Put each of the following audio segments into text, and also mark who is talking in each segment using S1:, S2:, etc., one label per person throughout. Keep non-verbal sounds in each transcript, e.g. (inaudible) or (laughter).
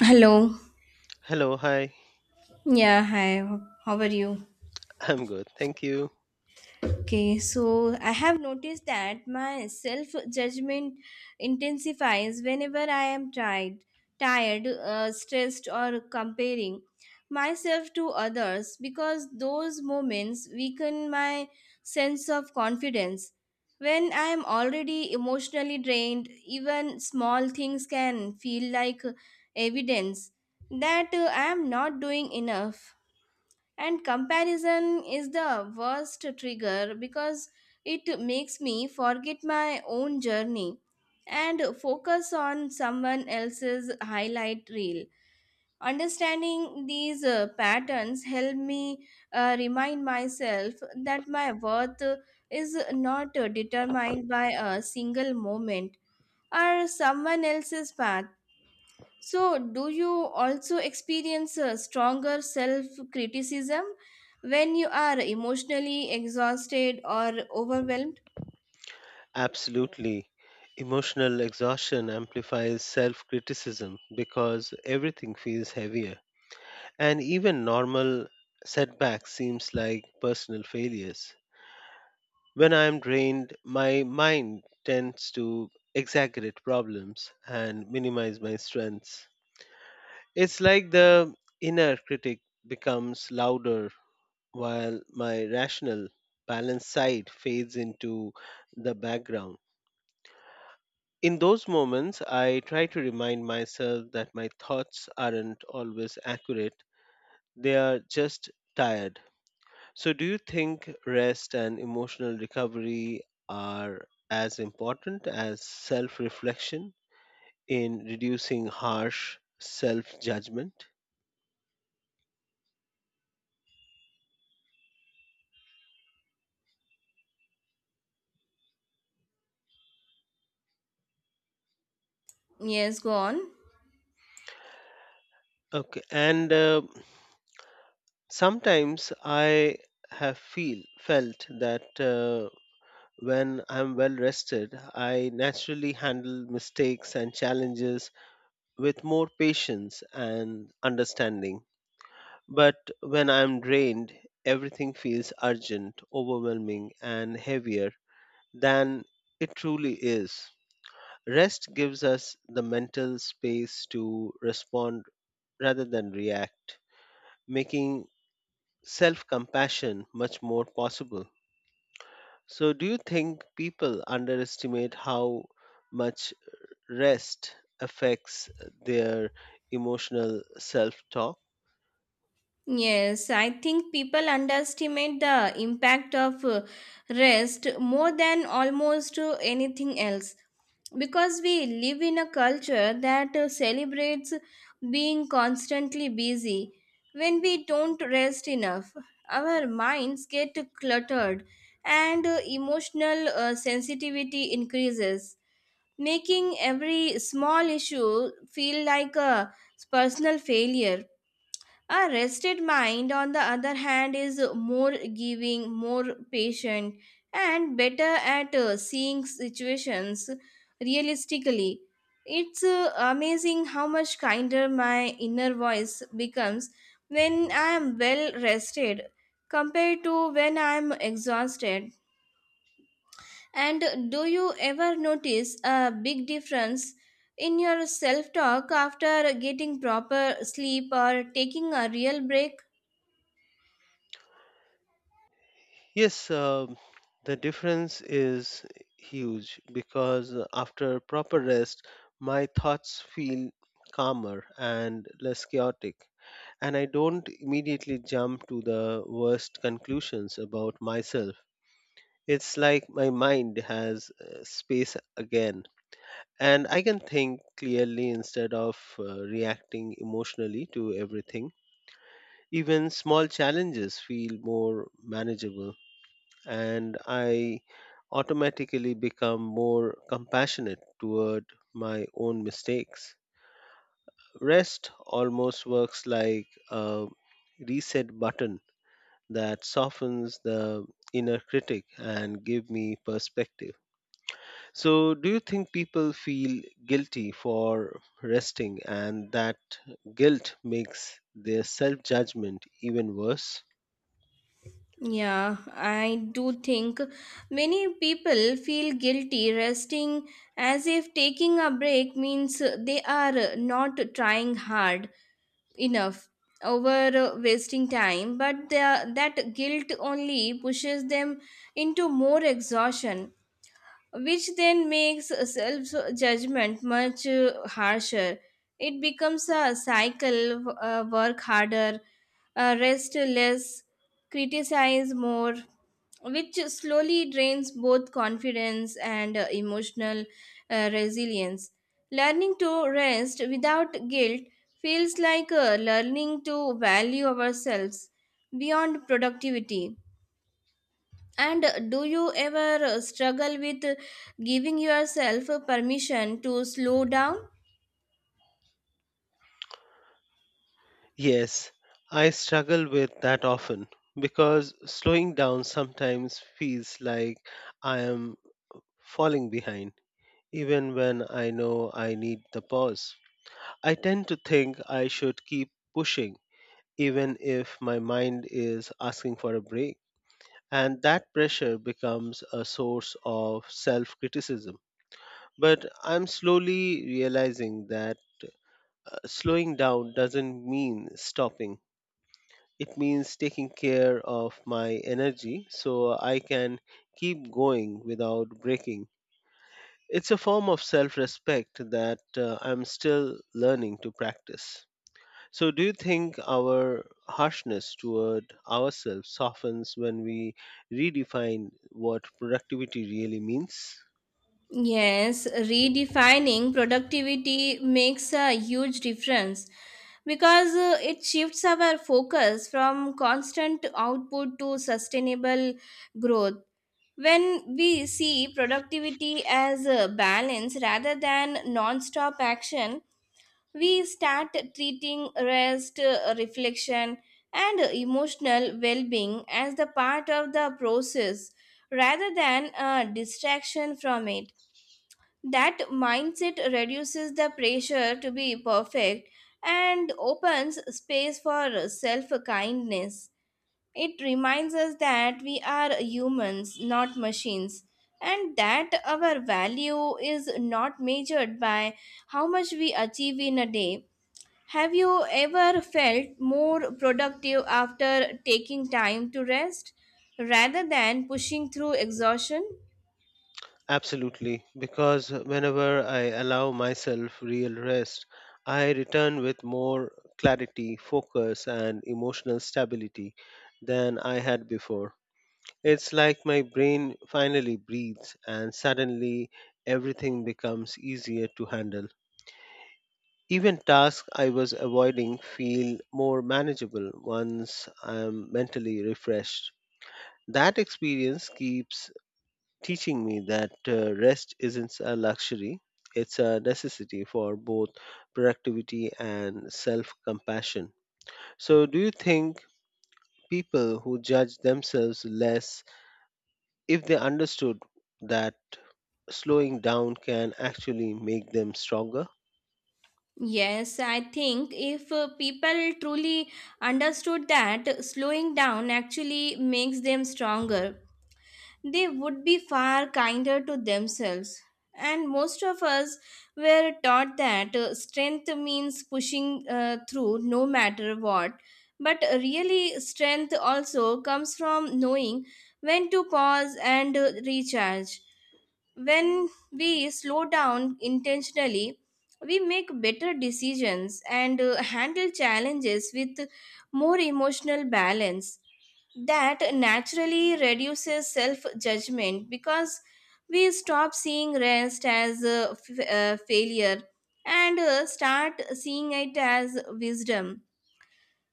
S1: Hello.
S2: Hello, hi.
S1: Yeah, hi. How are you?
S2: I'm good. Thank you.
S1: Okay, so I have noticed that my self judgment intensifies whenever I am tired, stressed, or comparing myself to others because those moments weaken my sense of confidence. When I am already emotionally drained, even small things can feel like evidence that I am not doing enough. And comparison is the worst trigger because it makes me forget my own journey and focus on someone else's highlight reel. Understanding these patterns help me remind myself that my worth is not determined by a single moment or someone else's path. So, do you also experience a stronger self criticism when you are emotionally exhausted or overwhelmed?
S2: Absolutely. Emotional exhaustion amplifies self criticism because everything feels heavier. And even normal setbacks seems like personal failures. When I'm drained, my mind tends to exaggerate problems and minimize my strengths. It's like the inner critic becomes louder while my rational, balanced side fades into the background. In those moments, I try to remind myself that my thoughts aren't always accurate, they are just tired. So, do you think rest and emotional recovery are as important as self reflection in reducing harsh self judgment?
S1: Yes, go on.
S2: Okay, and sometimes I have feel felt that when I'm well rested, I naturally handle mistakes and challenges with more patience and understanding. But when I'm drained, everything feels urgent, overwhelming, and heavier than it truly is. Rest gives us the mental space to respond rather than react, making self compassion much more possible. So, do you think people underestimate how much rest affects their emotional self talk?
S1: Yes, I think people underestimate the impact of rest more than almost anything else because we live in a culture that celebrates being constantly busy. When we don't rest enough, our minds get cluttered and emotional sensitivity increases, making every small issue feel like a personal failure. A rested mind, on the other hand, is more giving, more patient, and better at seeing situations realistically. It's amazing how much kinder my inner voice becomes when I am well rested compared to when I am exhausted. And do you ever notice a big difference in your self talk after getting proper sleep or taking a real break?
S2: Yes, the difference is huge because after proper rest, my thoughts feel calmer and less chaotic, and I don't immediately jump to the worst conclusions about myself. It's like my mind has space again, and I can think clearly instead of reacting emotionally to everything. Even small challenges feel more manageable, and I automatically become more compassionate toward my own mistakes. Rest almost works like a reset button that softens the inner critic and give me perspective. So do you think people feel guilty for resting and that guilt makes their self-judgment even worse?
S1: Yeah, I do think many people feel guilty resting as if taking a break means they are not trying hard enough over wasting time, but that guilt only pushes them into more exhaustion, which then makes self judgment much harsher. It becomes a cycle, work harder, rest less, criticize more, which slowly drains both confidence and emotional resilience. Learning to rest without guilt feels like learning to value ourselves beyond productivity. And do you ever struggle with giving yourself permission to slow down?
S2: Yes, I struggle with that often because slowing down sometimes feels like I am falling behind, even when I know I need the pause. I tend to think I should keep pushing, even if my mind is asking for a break, and that pressure becomes a source of self criticism. But I'm slowly realizing that slowing down doesn't mean stopping. It means taking care of my energy so I can keep going without breaking. It's a form of self respect that I'm still learning to practice. So, do you think our harshness toward ourselves softens when we redefine what productivity really means?
S1: Yes, redefining productivity makes a huge difference because it shifts our focus from constant output to sustainable growth. When we see productivity as a balance rather than non stop action, we start treating rest, reflection, and emotional well being as the part of the process rather than a distraction from it. That mindset reduces the pressure to be perfect and opens space for self kindness. It reminds us that we are humans, not machines, and that our value is not measured by how much we achieve in a day. Have you ever felt more productive after taking time to rest rather than pushing through exhaustion?
S2: Absolutely, because whenever I allow myself real rest, I return with more clarity, focus, and emotional stability than I had before. It's like my brain finally breathes, and suddenly everything becomes easier to handle. Even tasks I was avoiding feel more manageable once I'm mentally refreshed. That experience keeps teaching me that rest isn't a luxury, it's a necessity for both productivity and self compassion. So, do you think people who judge themselves less if they understood that slowing down can actually make them stronger?
S1: Yes, I think if people truly understood that slowing down actually makes them stronger, they would be far kinder to themselves. And most of us were taught that strength means pushing through no matter what. But really, strength also comes from knowing when to pause and recharge. When we slow down intentionally, we make better decisions and handle challenges with more emotional balance. That naturally reduces self judgment because we stop seeing rest as a failure and start seeing it as wisdom.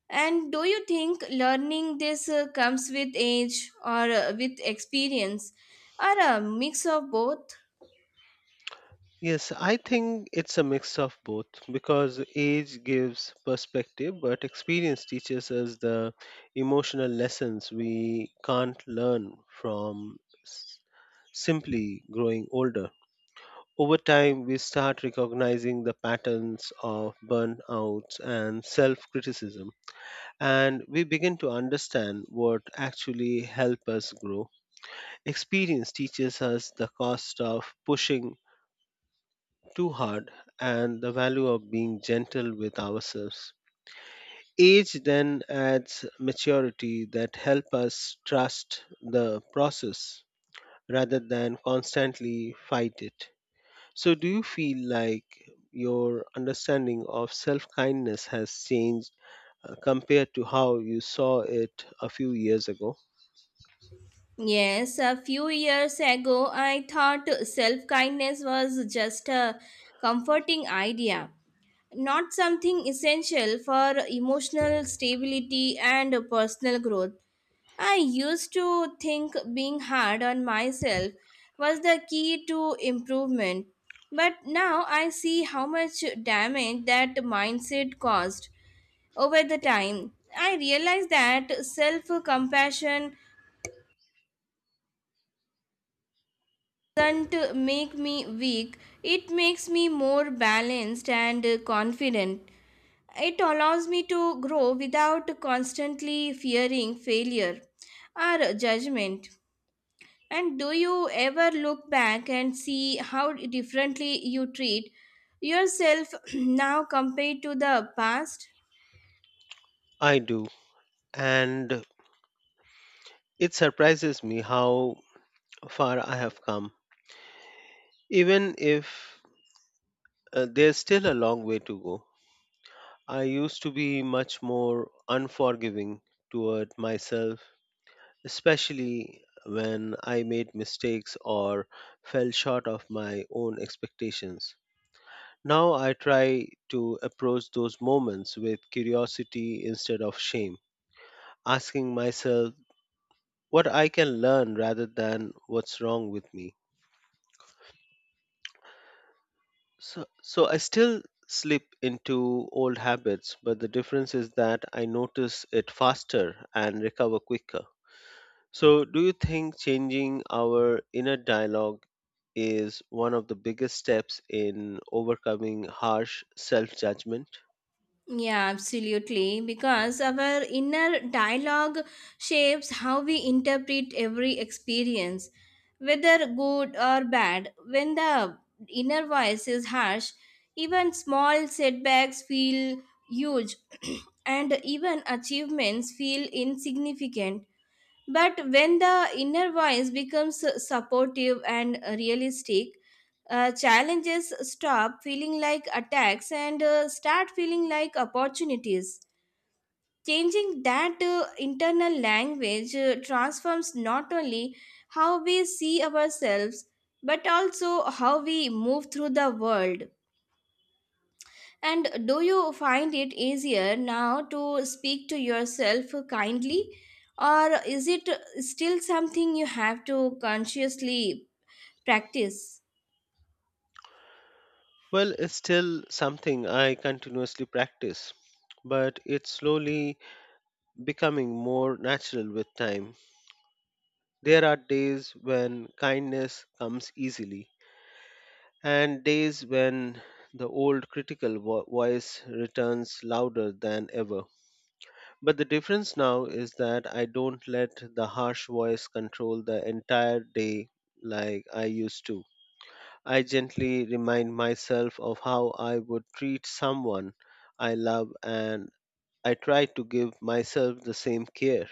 S1: And do you think learning this comes with age or with experience or a mix of both?
S2: Yes, I think it's a mix of both because age gives perspective, but experience teaches us the emotional lessons we can't learn from s- simply growing older. Over time, we start recognizing the patterns of burnouts and self criticism, and we begin to understand what actually help us grow. Experience teaches us the cost of pushing too hard and the value of being gentle with ourselves. Age then adds maturity that help us trust the process rather than constantly fight it. So do you feel like your understanding of self-kindness has changed compared to how you saw it a few years ago?
S1: Yes, a few years ago, I thought self kindness was just a comforting idea, not something essential for emotional stability and personal growth. I used to think being hard on myself was the key to improvement, but now I see how much damage that mindset caused over the time. I realized that self compassion doesn't make me weak, it makes me more balanced and confident. It allows me to grow without constantly fearing failure or judgment. And do you ever look back and see how differently you treat yourself (clears throat) now compared to the past?
S2: I do. And it surprises me how far I have come, even if there's still a long way to go. I used to be much more unforgiving toward myself, especially when I made mistakes or fell short of my own expectations. Now I try to approach those moments with curiosity instead of shame, asking myself what I can learn rather than what's wrong with me. So I still slip into old habits, but the difference is that I notice it faster and recover quicker. So, do you think changing our inner dialogue is one of the biggest steps in overcoming harsh self judgment?
S1: Yeah, absolutely. Because our inner dialogue shapes how we interpret every experience, whether good or bad. When the inner voice is harsh, even small setbacks feel huge (clears throat) and even achievements feel insignificant. But when the inner voice becomes supportive and realistic, challenges stop feeling like attacks and start feeling like opportunities. Changing that internal language transforms not only how we see ourselves but also how we move through the world. And do you find it easier now to speak to yourself kindly, or is it still something you have to consciously practice?
S2: Well, it's still something I continuously practice, but it's slowly becoming more natural with time. There are days when kindness comes easily, and days when the old critical voice returns louder than ever. But the difference now is that I don't let the harsh voice control the entire day like I used to. I gently remind myself of how I would treat someone I love and I try to give myself the same care.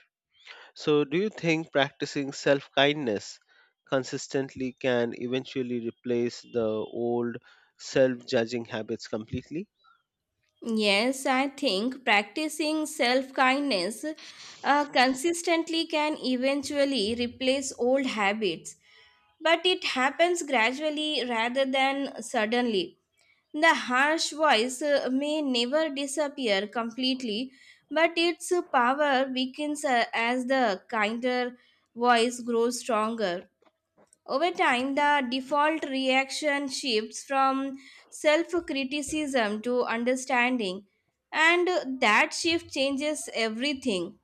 S2: So, do you think practicing self kindness consistently can eventually replace the old self judging habits completely?
S1: Yes, I think practicing self kindness consistently can eventually replace old habits, but it happens gradually rather than suddenly. The harsh voice may never disappear completely, but its power weakens as the kinder voice grows stronger. Over time, the default reaction shifts from self criticism to understanding, and that shift changes everything.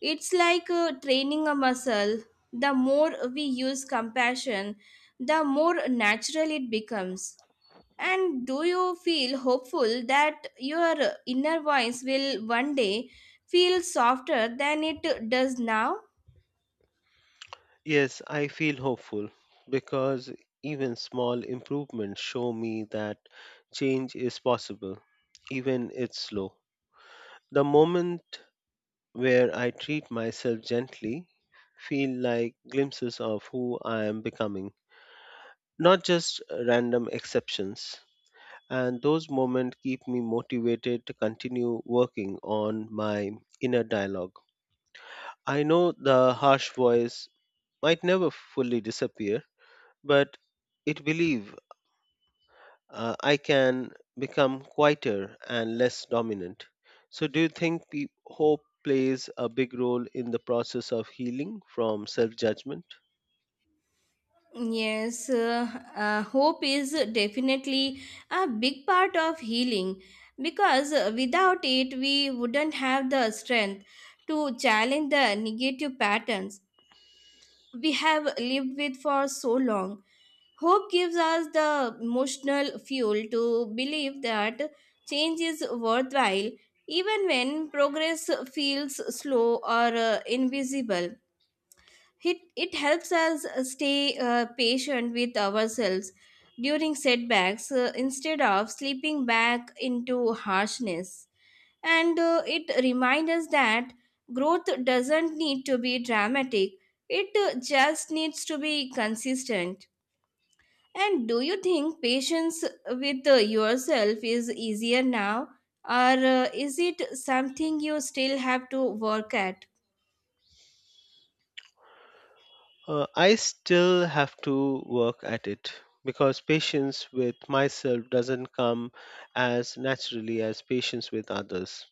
S1: It's like training a muscle. The more we use compassion, the more natural it becomes. And do you feel hopeful that your inner voice will one day feel softer than it does now?
S2: Yes, I feel hopeful because even small improvements show me that change is possible, even it's slow. The moment where I treat myself gently feel like glimpses of who I am becoming, not just random exceptions. And those moments keep me motivated to continue working on my inner dialogue. I know the harsh voice might never fully disappear, but it believes I can become quieter and less dominant. So, do you think hope plays a big role in the process of healing from self judgment?
S1: Yes, hope is definitely a big part of healing because without it, we wouldn't have the strength to challenge the negative patterns we have lived with for so long. Hope gives us the emotional fuel to believe that change is worthwhile even when progress feels slow or invisible. It helps us stay patient with ourselves during setbacks instead of slipping back into harshness. And it reminds us that growth doesn't need to be dramatic, it just needs to be consistent. And do you think patience with yourself is easier now, or is it something you still have to work at?
S2: I still have to work at it because patience with myself doesn't come as naturally as patience with others.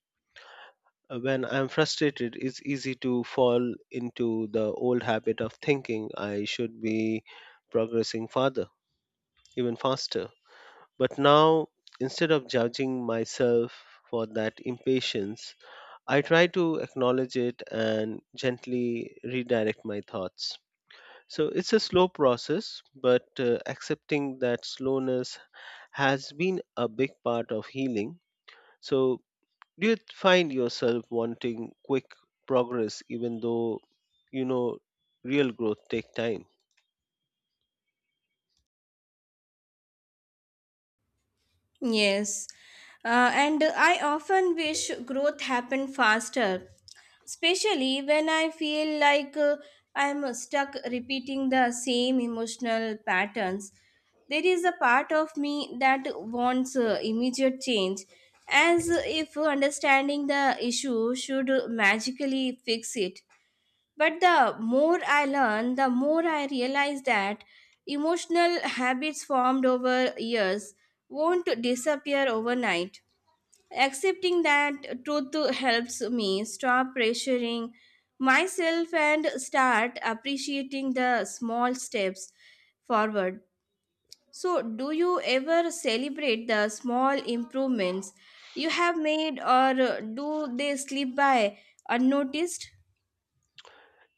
S2: When I'm frustrated, it's easy to fall into the old habit of thinking I should be progressing farther, even faster. But now, instead of judging myself for that impatience, I try to acknowledge it and gently redirect my thoughts. So it's a slow process, but accepting that slowness has been a big part of healing. So, do you find yourself wanting quick progress even though you know real growth take time?
S1: Yes, and I often wish growth happened faster, especially when I feel like I'm stuck repeating the same emotional patterns. There is a part of me that wants immediate change, as if understanding the issue should magically fix it. But the more I learn, the more I realize that emotional habits formed over years won't disappear overnight. Accepting that truth helps me stop pressuring myself and start appreciating the small steps forward. So, do you ever celebrate the small improvements you have made, or do they slip by unnoticed?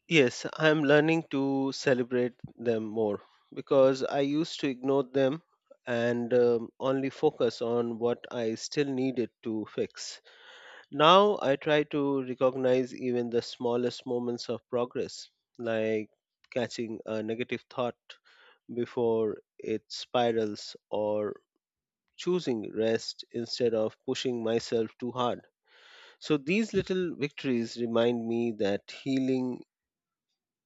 S2: Yes, I am learning to celebrate them more because I used to ignore them and only focus on what I still needed to fix. Now I try to recognize even the smallest moments of progress, like catching a negative thought before it spirals or choosing rest instead of pushing myself too hard. So these little victories remind me that healing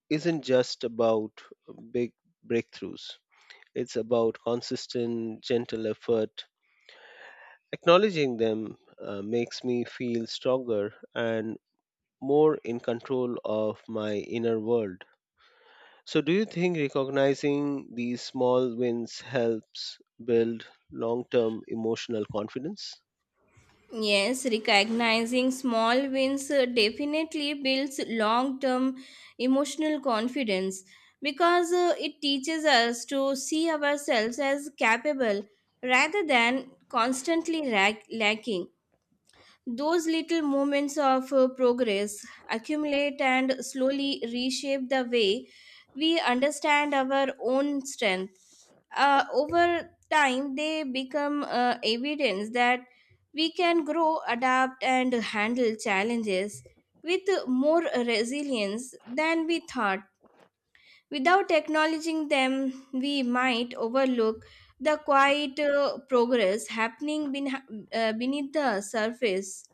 S2: isn't just about big breakthroughs. It's about consistent, gentle effort. Acknowledging them makes me feel stronger and more in control of my inner world. So, do you think recognizing these small wins helps build long term emotional confidence?
S1: Yes, recognizing small wins definitely builds long term emotional confidence because it teaches us to see ourselves as capable rather than constantly lacking. Those little moments of progress accumulate and slowly reshape the way we understand our own strength. Over time, they become evidence that we can grow, adapt, and handle challenges with more resilience than we thought. Without acknowledging them, we might overlook, the quiet progress happening beneath the surface.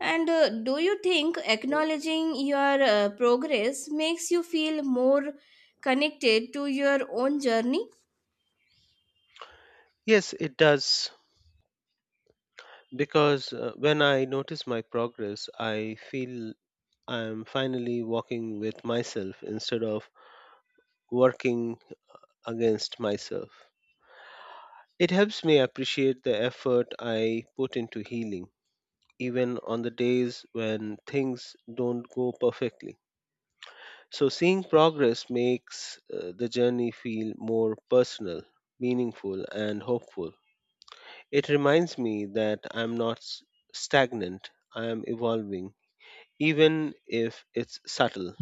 S1: And do you think acknowledging your progress makes you feel more connected to your own journey?
S2: Yes, it does. Because when I notice my progress, I feel I'm finally walking with myself instead of working against myself. It helps me appreciate the effort I put into healing, even on the days when things don't go perfectly. So, seeing progress makes the journey feel more personal, meaningful, and hopeful. It reminds me that I'm not stagnant, I am evolving, even if it's subtle.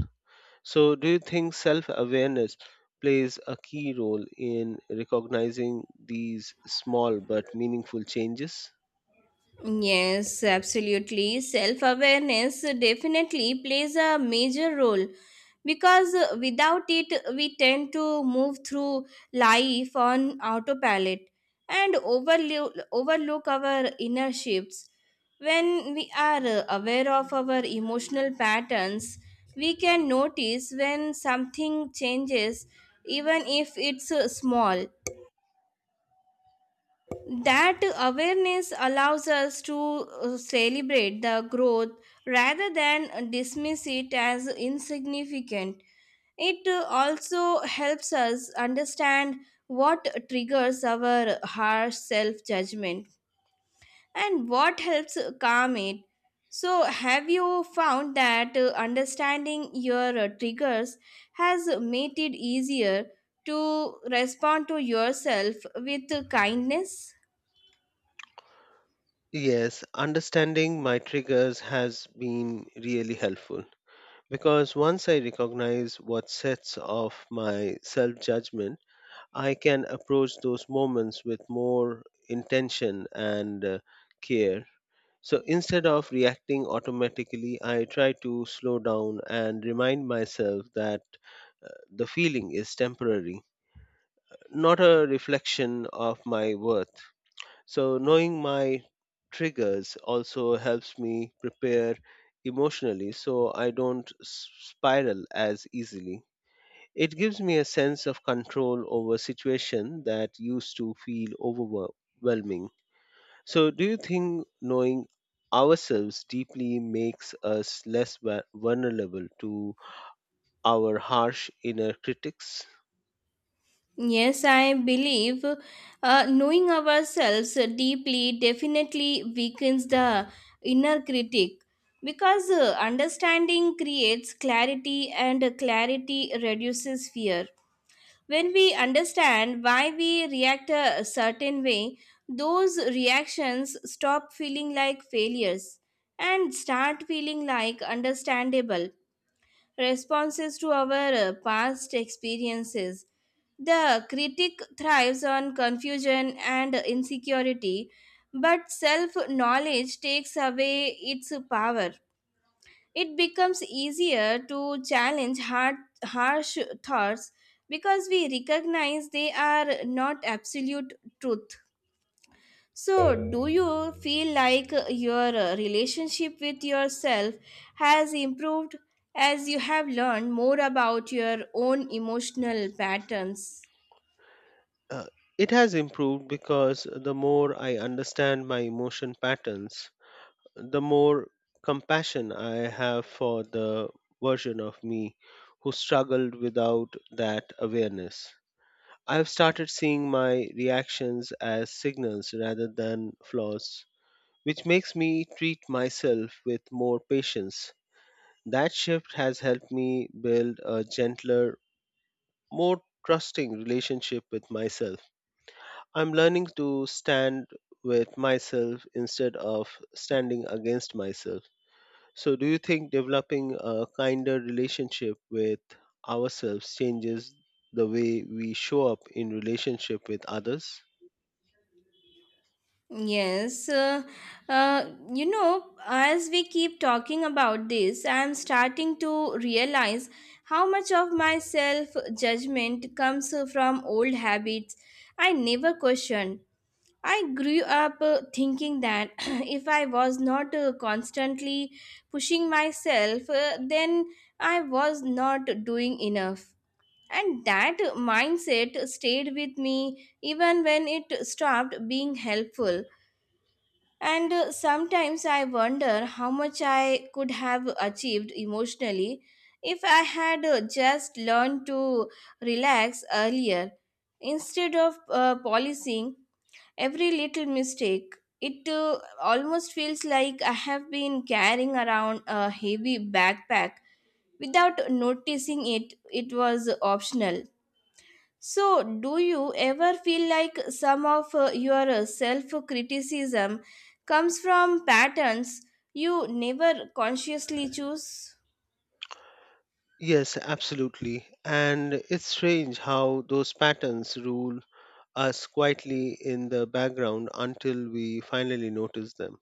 S2: So, do you think self awareness plays a key role in recognizing these small but meaningful changes?
S1: Yes, absolutely. Self awareness definitely plays a major role because without it, we tend to move through life on autopilot and overlook our inner shifts. When we are aware of our emotional patterns, we can notice when something changes, even if it's small. That awareness allows us to celebrate the growth rather than dismiss it as insignificant. It also helps us understand what triggers our harsh self judgment and what helps calm it. So, have you found that understanding your triggers has made it easier to respond to yourself with kindness?
S2: Yes, understanding my triggers has been really helpful because once I recognize what sets off my self judgment, I can approach those moments with more intention and care. So instead of reacting automatically, I try to slow down and remind myself that uh, the feeling is temporary, not a reflection of my worth. So knowing my triggers also helps me prepare emotionally so I don't spiral as easily. It gives me a sense of control over situation that used to feel overwhelming. So, do you think knowing ourselves deeply makes us less vulnerable to our harsh inner critics?
S1: Yes, I believe knowing ourselves deeply definitely weakens the inner critic because understanding creates clarity and clarity reduces fear. When we understand why we react a certain way, those reactions stop feeling like failures and start feeling like understandable responses to our past experiences. The critic thrives on confusion and insecurity, but self knowledge takes away its power. It becomes easier to challenge harsh thoughts because we recognize they are not absolute truth. So, do you feel like your relationship with yourself has improved as you have learned more about your own emotional patterns?
S2: Uh, it has improved because the more I understand my emotion patterns, the more compassion I have for the version of me who struggled without that awareness. I've started seeing my reactions as signals rather than flaws which makes me treat myself with more patience. That shift has helped me build a gentler, more trusting relationship with myself. I'm learning to stand with myself instead of standing against myself. So, do you think developing a kinder relationship with ourselves changes the way we show up in relationship with others?
S1: Yes, as we keep talking about this, I am starting to realize how much of my self judgment comes from old habits I never questioned. I grew up thinking that (clears throat) if I was not constantly pushing myself, then I was not doing enough. And that mindset stayed with me even when it stopped being helpful. And sometimes I wonder how much I could have achieved emotionally if I had just learned to relax earlier instead of policing every little mistake. It almost feels like I have been carrying around a heavy backpack without noticing it was optional. So, do you ever feel like some of your self criticism comes from patterns you never consciously choose?
S2: Yes, absolutely. And it's strange how those patterns rule us quietly in the background until we finally notice them.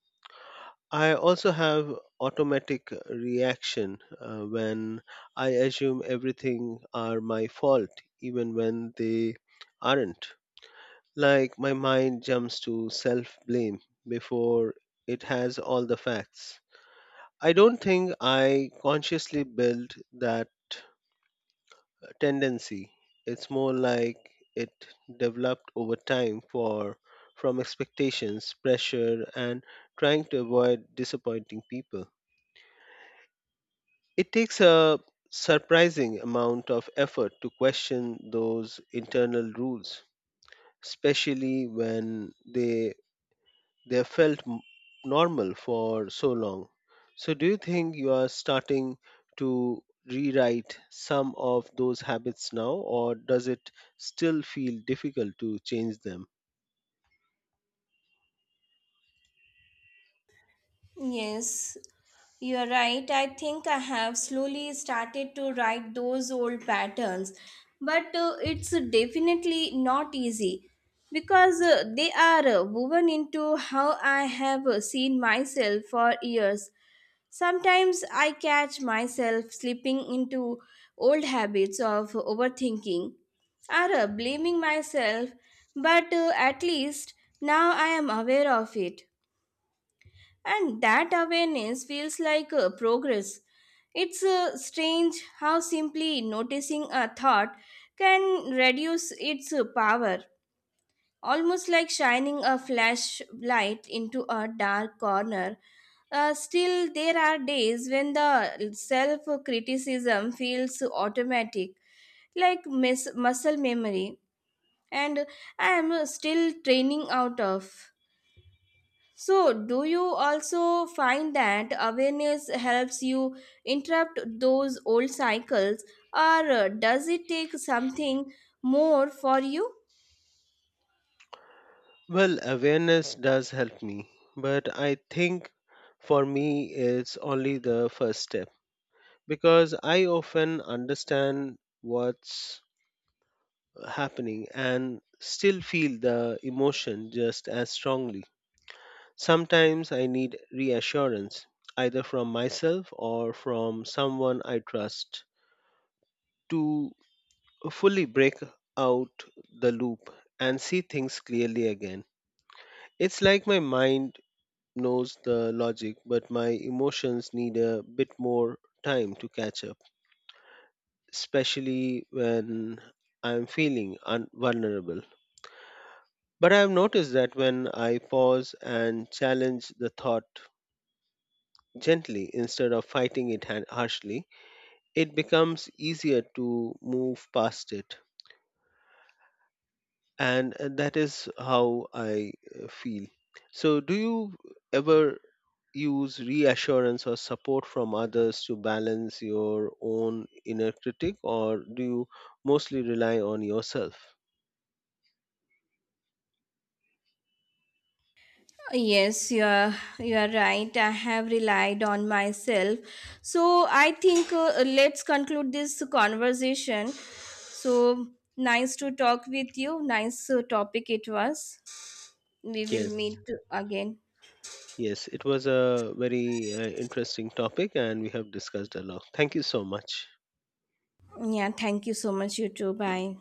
S2: I also have automatic reaction when I assume everything are my fault even when they aren't. Like my mind jumps to self-blame before it has all the facts. I don't think I consciously built that tendency. It's more like it developed over time for from expectations, pressure, and trying to avoid disappointing people. It takes a surprising amount of effort to question those internal rules, especially when they felt normal for so long. So, do you think you are starting to rewrite some of those habits now, or does it still feel difficult to change them?
S1: Yes, you're right. I think I have slowly started to write those old patterns, but it's definitely not easy because they are woven into how I have seen myself for years. Sometimes I catch myself slipping into old habits of overthinking or blaming myself, but at least now I am aware of it. And that awareness feels like progress. It's strange how simply noticing a thought can reduce its power, almost like shining a flashlight into a dark corner. Still, there are days when the self criticism feels automatic, like muscle memory, and I am still training out of. So, do you also find that awareness helps you interrupt those old cycles, or does it take something more for you?
S2: Well, awareness does help me, but I think for me it's only the first step because I often understand what's happening and still feel the emotion just as strongly. Sometimes I need reassurance, either from myself or from someone I trust, to fully break out the loop and see things clearly again. It's like my mind knows the logic, but my emotions need a bit more time to catch up, especially when I'm feeling vulnerable. But I've noticed that when I pause and challenge the thought gently instead of fighting it harshly, it becomes easier to move past it. And that is how I feel. So, do you ever use reassurance or support from others to balance your own inner critic, or do you mostly rely on yourself?
S1: Yes, you are right. I have relied on myself. So I think, let's conclude this conversation. So nice to talk with you. Nice topic it was. We will
S2: Yes,
S1: meet again.
S2: yes, it was a very interesting topic, and we have discussed a lot. Thank you so much.
S1: Yeah, thank you so much, you too. Bye.